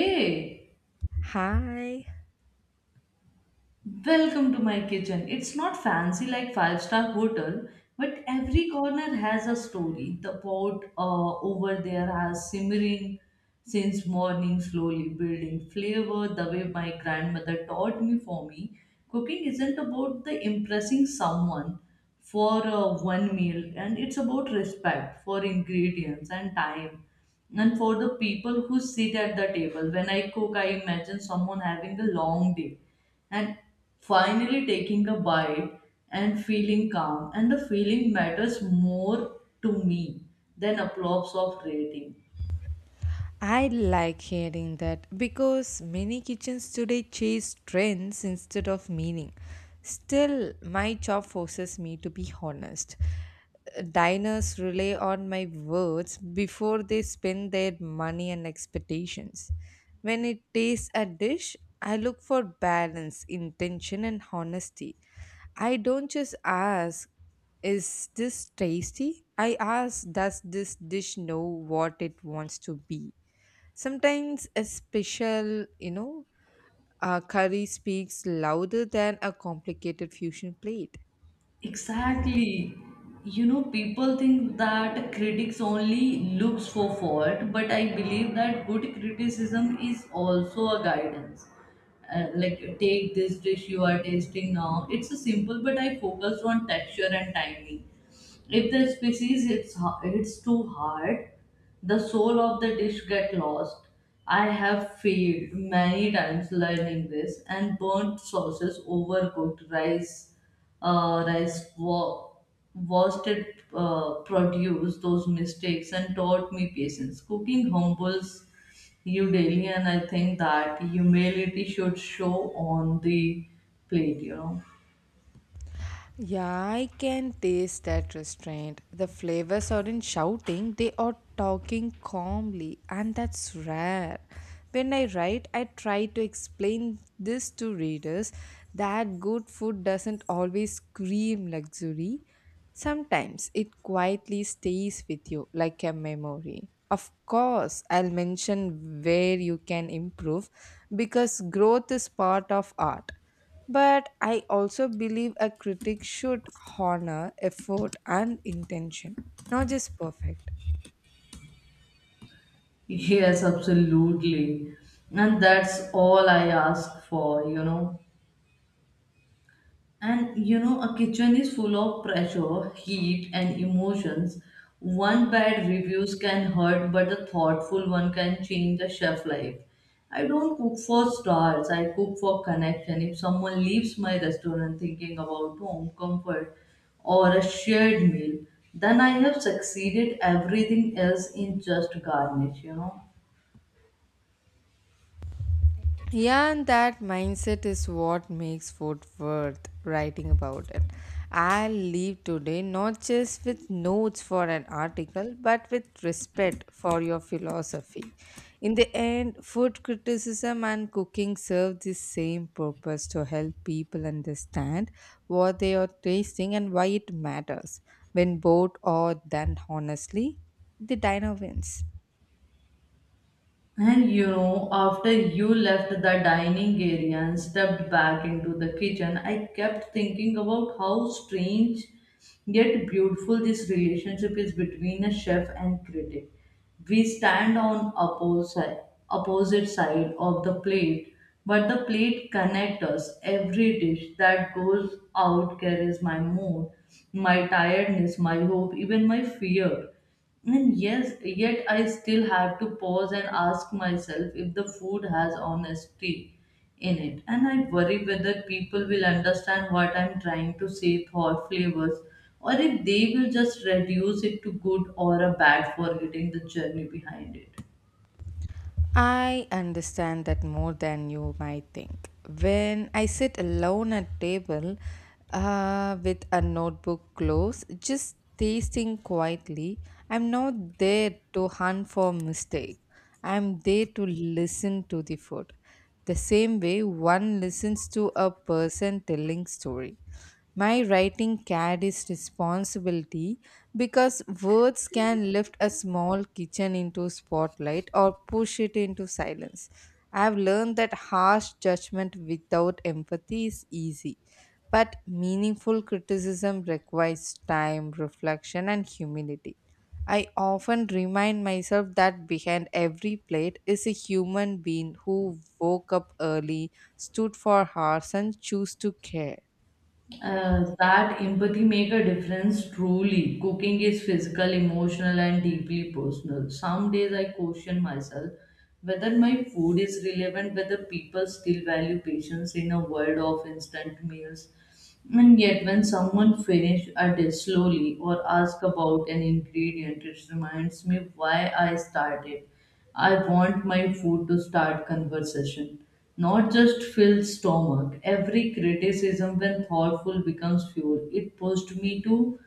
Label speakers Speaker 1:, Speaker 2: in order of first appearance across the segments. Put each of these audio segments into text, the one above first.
Speaker 1: E.
Speaker 2: Hi.
Speaker 1: Welcome to my kitchen. It's not fancy like five-star hotel, but every corner has a story. The pot over there has simmering since morning, slowly building flavor. The way my grandmother taught me, for me, cooking isn't about the impressing someone for one meal, and it's about respect for ingredients and time. And for the people who sit at the table, when I cook, I imagine someone having a long day and finally taking a bite and feeling calm, and the feeling matters more to me than applause of rating.
Speaker 2: I like hearing that because many kitchens today chase trends instead of meaning. Still, my job forces me to be honest. Diners rely on my words before they spend their money and expectations. When it tastes a dish, I look for balance, intention, and honesty. I don't just ask, is this tasty? I ask, does this dish know what it wants to be? Sometimes a special curry speaks louder than a complicated fusion plate.
Speaker 1: Exactly, you know, people think that critics only looks for fault, but I believe that good criticism is also a guidance. Like take this dish you are tasting now, it's a simple but I focused on texture and timing. If the species hits, hits too hard, the soul of the dish get lost. I have failed many times learning this, and burnt sauces, overcooked rice, uh, rice wa- wasted produce, those mistakes, and taught me patience. Cooking humbles you daily, and I think that humility should show on the plate.
Speaker 2: Yeah, I can taste that restraint. The flavors aren't shouting, they are talking calmly, and that's rare. When I write, I try to explain this to readers that good food doesn't always scream luxury. Sometimes it quietly stays with you like a memory. Of course, I'll mention where you can improve because growth is part of art, but I also believe a critic should honor effort and intention, not just perfect.
Speaker 1: Yes, absolutely. And that's all I ask for. And you know, a kitchen is full of pressure, heat, and emotions. One bad reviews can hurt, but a thoughtful one can change the chef life. I don't cook for stars, I cook for connection. If someone leaves my restaurant thinking about home comfort or a shared meal, then I have succeeded everything else in just garnish.
Speaker 2: Yeah, and that mindset is what makes food worth writing about it. I leave today not just with notes for an article, but with respect for your philosophy. In the end, food criticism and cooking serve the same purpose to help people understand what they are tasting and why it matters. When both are done honestly, the diner wins.
Speaker 1: And you know, after you left the dining area and stepped back into the kitchen, I kept thinking about how strange yet beautiful this relationship is between a chef and critic. We stand on opposite side of the plate, but the plate connects us. Every dish that goes out carries my mood, my tiredness, my hope, even my fear. And yes, yet I still have to pause and ask myself if the food has honesty in it. And I worry whether people will understand what I'm trying to say for flavors, or if they will just reduce it to good or a bad, forgetting the journey behind it.
Speaker 2: I understand that more than you might think. When I sit alone at table with a notebook close, just tasting quietly, I'm not there to hunt for mistake. I'm there to listen to the food. The same way one listens to a person telling story. My writing carries responsibility because words can lift a small kitchen into spotlight or push it into silence. I've learned that harsh judgment without empathy is easy, but meaningful criticism requires time, reflection, and humility. I often remind myself that behind every plate is a human being who woke up early, stood for hours, and chose to care.
Speaker 1: That empathy make a difference truly. Cooking is physical, emotional, and deeply personal. Some days I question myself whether my food is relevant, whether people still value patience in a world of instant meals. And yet, when someone finishes a dish slowly or asks about an ingredient, it reminds me why I started. I want my food to start conversation, not just fill stomach. Every criticism, when thoughtful, becomes fuel. It pushed me to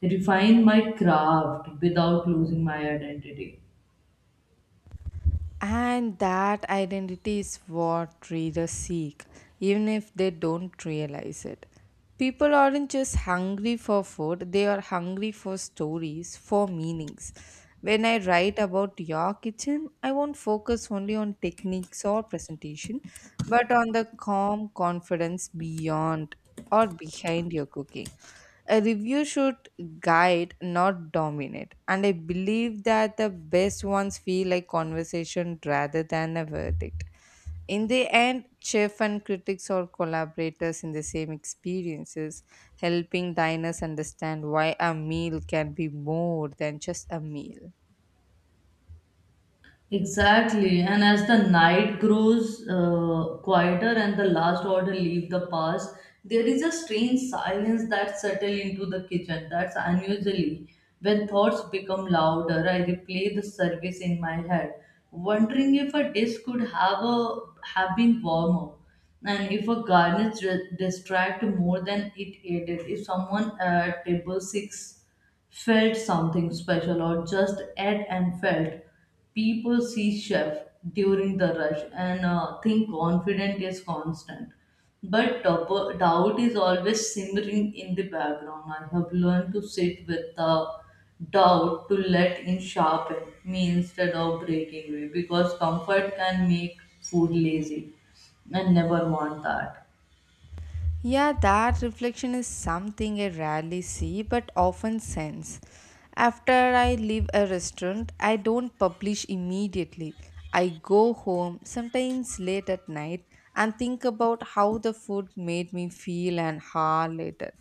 Speaker 1: refine my craft without losing my identity.
Speaker 2: And that identity is what readers seek, even if they don't realize it. People aren't just hungry for food, they are hungry for stories, for meanings. When I write about your kitchen, I won't focus only on techniques or presentation, but on the calm confidence beyond or behind your cooking. A review should guide, not dominate. And I believe that the best ones feel like conversation rather than a verdict. In the end, chef and critics are collaborators in the same experiences, helping diners understand why a meal can be more than just a meal.
Speaker 1: Exactly, and as the night grows quieter and the last order leave the pass, there is a strange silence that settles into the kitchen. That's unusually when thoughts become louder. I replay the service in my head, wondering if a dish could have been warmer, and if a garnish distract more than it aided. If someone at table 6 felt something special or just ate and felt. People see chef during the rush and think confident is constant. But doubt is always simmering in the background. I have learned to sit with the doubt to let in sharpen me instead of breaking me, because comfort can make food lazy. I never want that.
Speaker 2: Yeah, that reflection is something I rarely see but often sense. After I leave a restaurant, I don't publish immediately. I go home, sometimes late at night, and think about how the food made me feel an hour later.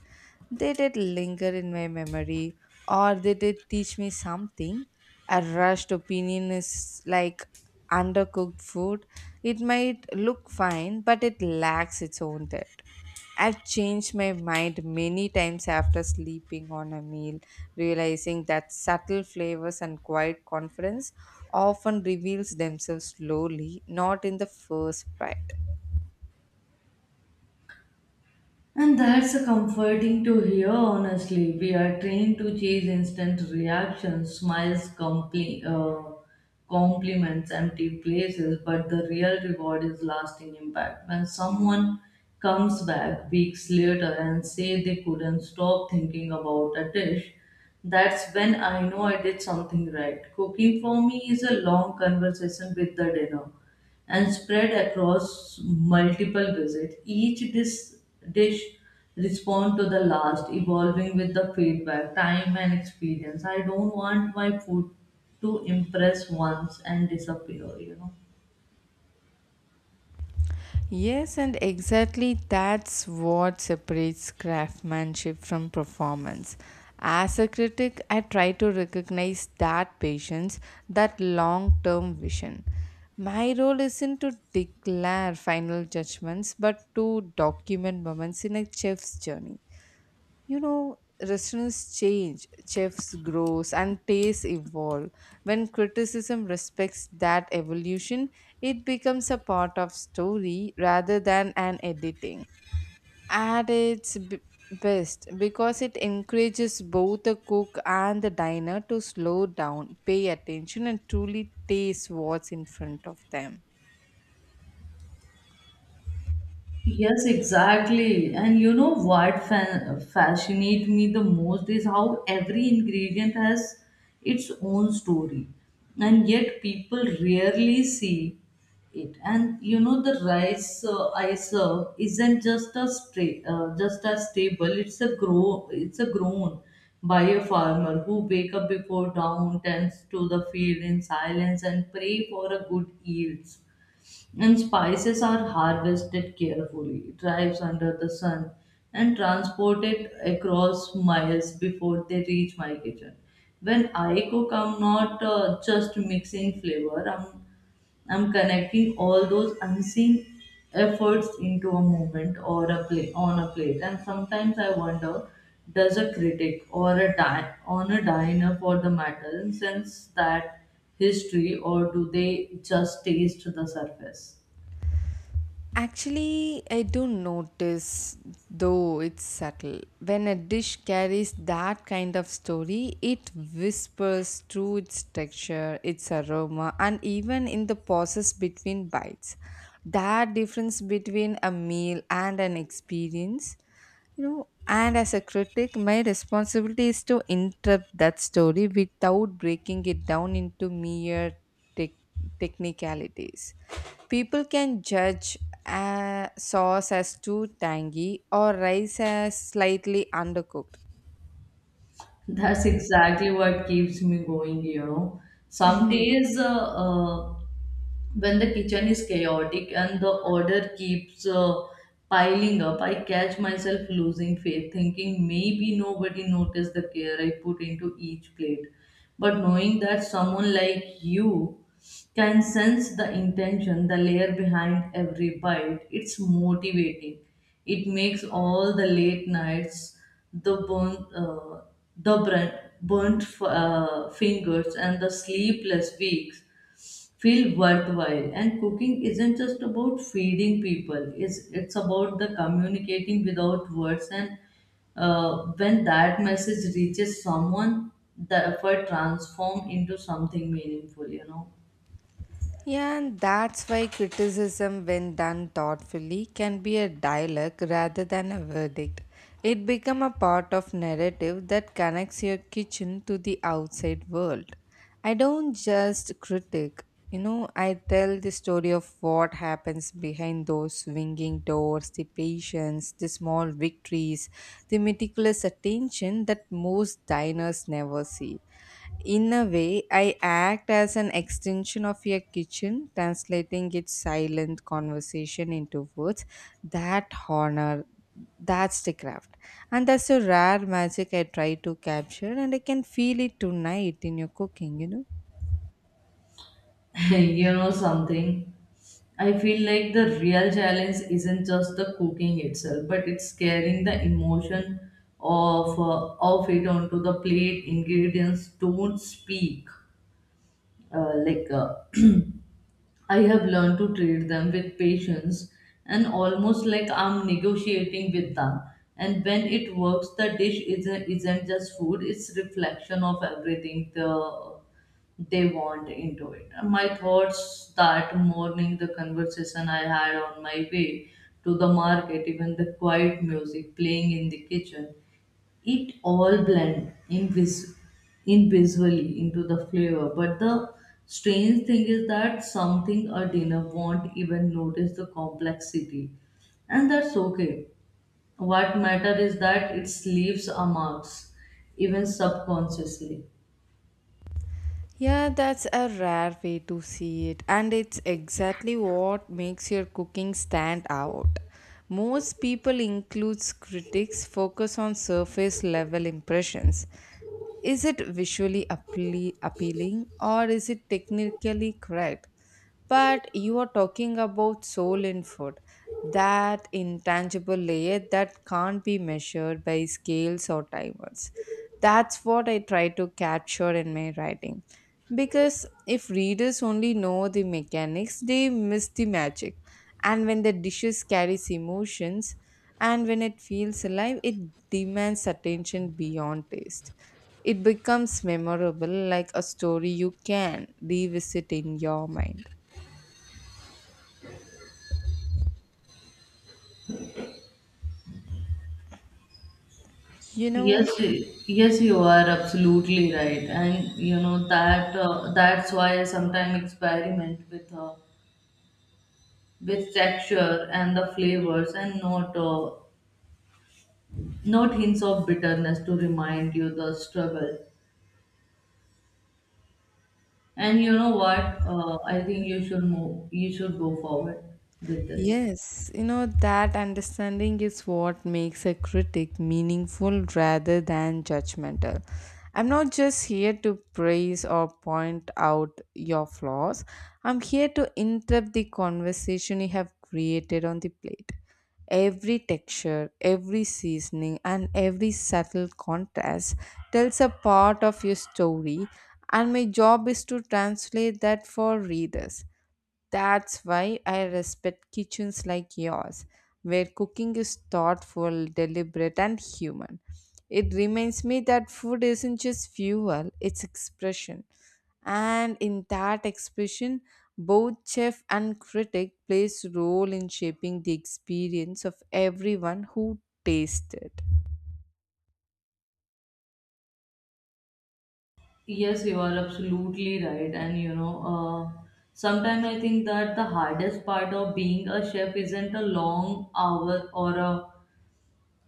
Speaker 2: They Did it linger in my memory or they did it teach me something? A rushed opinion is like undercooked food. It might look fine, but it lacks its own depth. I've changed my mind many times after sleeping on a meal, realizing that subtle flavors and quiet confidence often reveals themselves slowly, not in the first bite.
Speaker 1: And that's a comforting to hear, honestly. We are trained to chase instant reactions, smiles, compliments, empty places, but the real reward is lasting impact. When someone comes back weeks later and say they couldn't stop thinking about a dish, that's when I know I did something right. Cooking for me is a long conversation with the dinner and spread across multiple visits. Each dish respond to the last, evolving with the feedback, time and experience. I don't want my food to impress once and disappear.
Speaker 2: Yes, and exactly that's what separates craftsmanship from performance. As a critic, I try to recognize that patience, that long term vision. My role isn't to declare final judgments, but to document moments in a chef's journey you know Restaurants change, chefs grow, and tastes evolve. When criticism respects that evolution, it becomes a part of story rather than an editing at its best, because it encourages both the cook and the diner to slow down, pay attention, and truly taste what's in front of them.
Speaker 1: Yes, exactly. And you know what fascinates me the most is how every ingredient has its own story, and yet people rarely see it. And you know, the rice I serve isn't just a just a staple. It's a grow. It's a grown by a farmer who wake up before dawn, tends to the field in silence, and pray for a good yield, and spices are harvested carefully, drives under the sun, and transported across miles before they reach my kitchen. When I cook, I'm not just mixing flavor, I'm connecting all those unseen efforts into a moment or a plate on a plate. And sometimes I wonder, does a critic or a on a diner for the matter sense that history, or do they just taste the surface?
Speaker 2: Actually, I do notice, though it's subtle. When a dish carries that kind of story, it whispers through its texture, its aroma, and even in the pauses between bites. That difference between a meal and an experience, and as a critic, my responsibility is to interrupt that story without breaking it down into mere tech technicalities. People can judge a sauce as too tangy or rice as slightly undercooked.
Speaker 1: That's exactly what keeps me going, you know. Some days, when the kitchen is chaotic and the order keeps piling up, I catch myself losing faith, thinking maybe nobody noticed the care I put into each plate. But knowing that someone like you can sense the intention, the layer behind every bite, it's motivating. It makes all the late nights, the burnt, uh, the burnt fingers, and the sleepless weeks feel worthwhile. And cooking isn't just about feeding people, it's about the communicating without words. And when that message reaches someone, the effort transform into something meaningful, you know.
Speaker 2: Yeah, and that's why criticism, when done thoughtfully, can be a dialogue rather than a verdict. It becomes a part of narrative that connects your kitchen to the outside world. I don't just critique, I tell the story of what happens behind those swinging doors, the patience, the small victories, the meticulous attention that most diners never see. In a way, I act as an extension of your kitchen, translating its silent conversation into words. That honor, that's the craft. And that's a rare magic I try to capture, and I can feel it tonight in your cooking.
Speaker 1: You know something, I feel like the real challenge isn't just the cooking itself, but it's carrying the emotion of it onto the plate. Ingredients don't speak uh, like uh, I have learned to treat them with patience and almost like I'm negotiating with them. And when it works, the dish isn't just food, it's reflection of everything they want into it. And my thoughts that morning, the conversation I had on my way to the market, even the quiet music playing in the kitchen, it all blend invisibly into the flavor. But the strange thing is that something a dinner won't even notice the complexity, and that's okay. What matter is that it leaves a marks, even subconsciously.
Speaker 2: Yeah, that's a rare way to see it, and it's exactly what makes your cooking stand out. Most people, includes critics, focus on surface level impressions. Is it visually appealing or is it technically correct? But you are talking about soul in food, that intangible layer that can't be measured by scales or timers. That's what I try to capture in my writing because if readers only know the mechanics, they miss the magic. And when the dishes carries emotions, and when it feels alive, it demands attention beyond taste. It becomes memorable like a story you can revisit in your mind. You know,
Speaker 1: Yes, you are absolutely right, and you know that that's why I sometimes experiment with texture and the flavors, and not hints of bitterness to remind you the struggle. And you know what? I think you should move. You should go forward with this.
Speaker 2: Yes, that understanding is what makes a critic meaningful rather than judgmental. I'm not just here to praise or point out your flaws, I'm here to interrupt the conversation you have created on the plate. Every texture, every seasoning, and every subtle contrast tells a part of your story, and my job is to translate that for readers. That's why I respect kitchens like yours, where cooking is thoughtful, deliberate, and human. It reminds me that food isn't just fuel, it's expression. And in that expression, both chef and critic plays role in shaping the experience of everyone who tastes it.
Speaker 1: Yes, you are absolutely right. And you know, uh, sometimes I think that the hardest part of being a chef isn't a long hour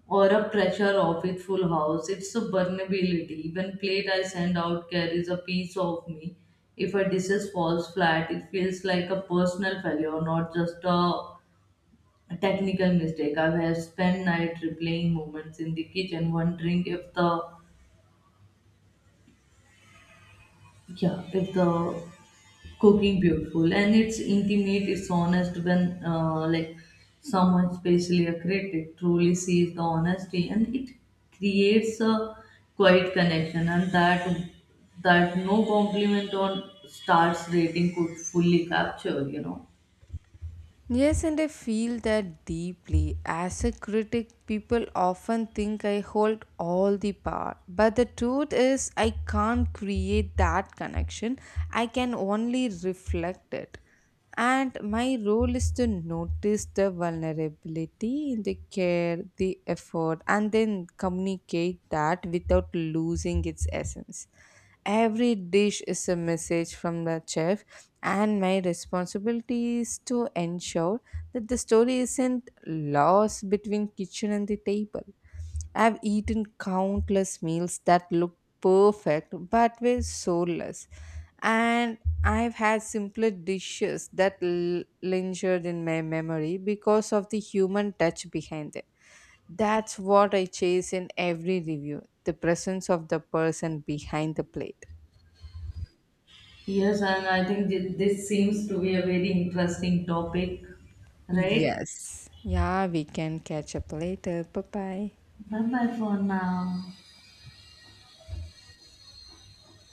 Speaker 1: or a pressure of it full house. It's a vulnerability. Even plate I send out carries a piece of me. If a dishes falls flat, it feels like a personal failure, not just a technical mistake. I have spent night replaying moments in the kitchen, wondering if the cooking beautiful and it's intimate. It's honest when like someone, especially a critic, truly sees the honesty, and it creates a quiet connection, and that no compliment on stars rating could fully capture. You know.
Speaker 2: Yes, and I feel that deeply. As a critic, people often think I hold all the power. But the truth is, I can't create that connection. I can only reflect it. And my role is to notice the vulnerability, the care, the effort, and then communicate that without losing its essence. Every dish is a message from the chef, and my responsibility is to ensure that the story isn't lost between kitchen and the table. I've eaten countless meals that looked perfect but were soulless, and I've had simpler dishes that lingered in my memory because of the human touch behind them. That's what I chase in every review, the presence of the person behind the plate.
Speaker 1: Yes, and I think this seems to be a very interesting topic, right?
Speaker 2: Yes. Yeah, we can catch up later. Bye bye.
Speaker 1: Bye bye for now.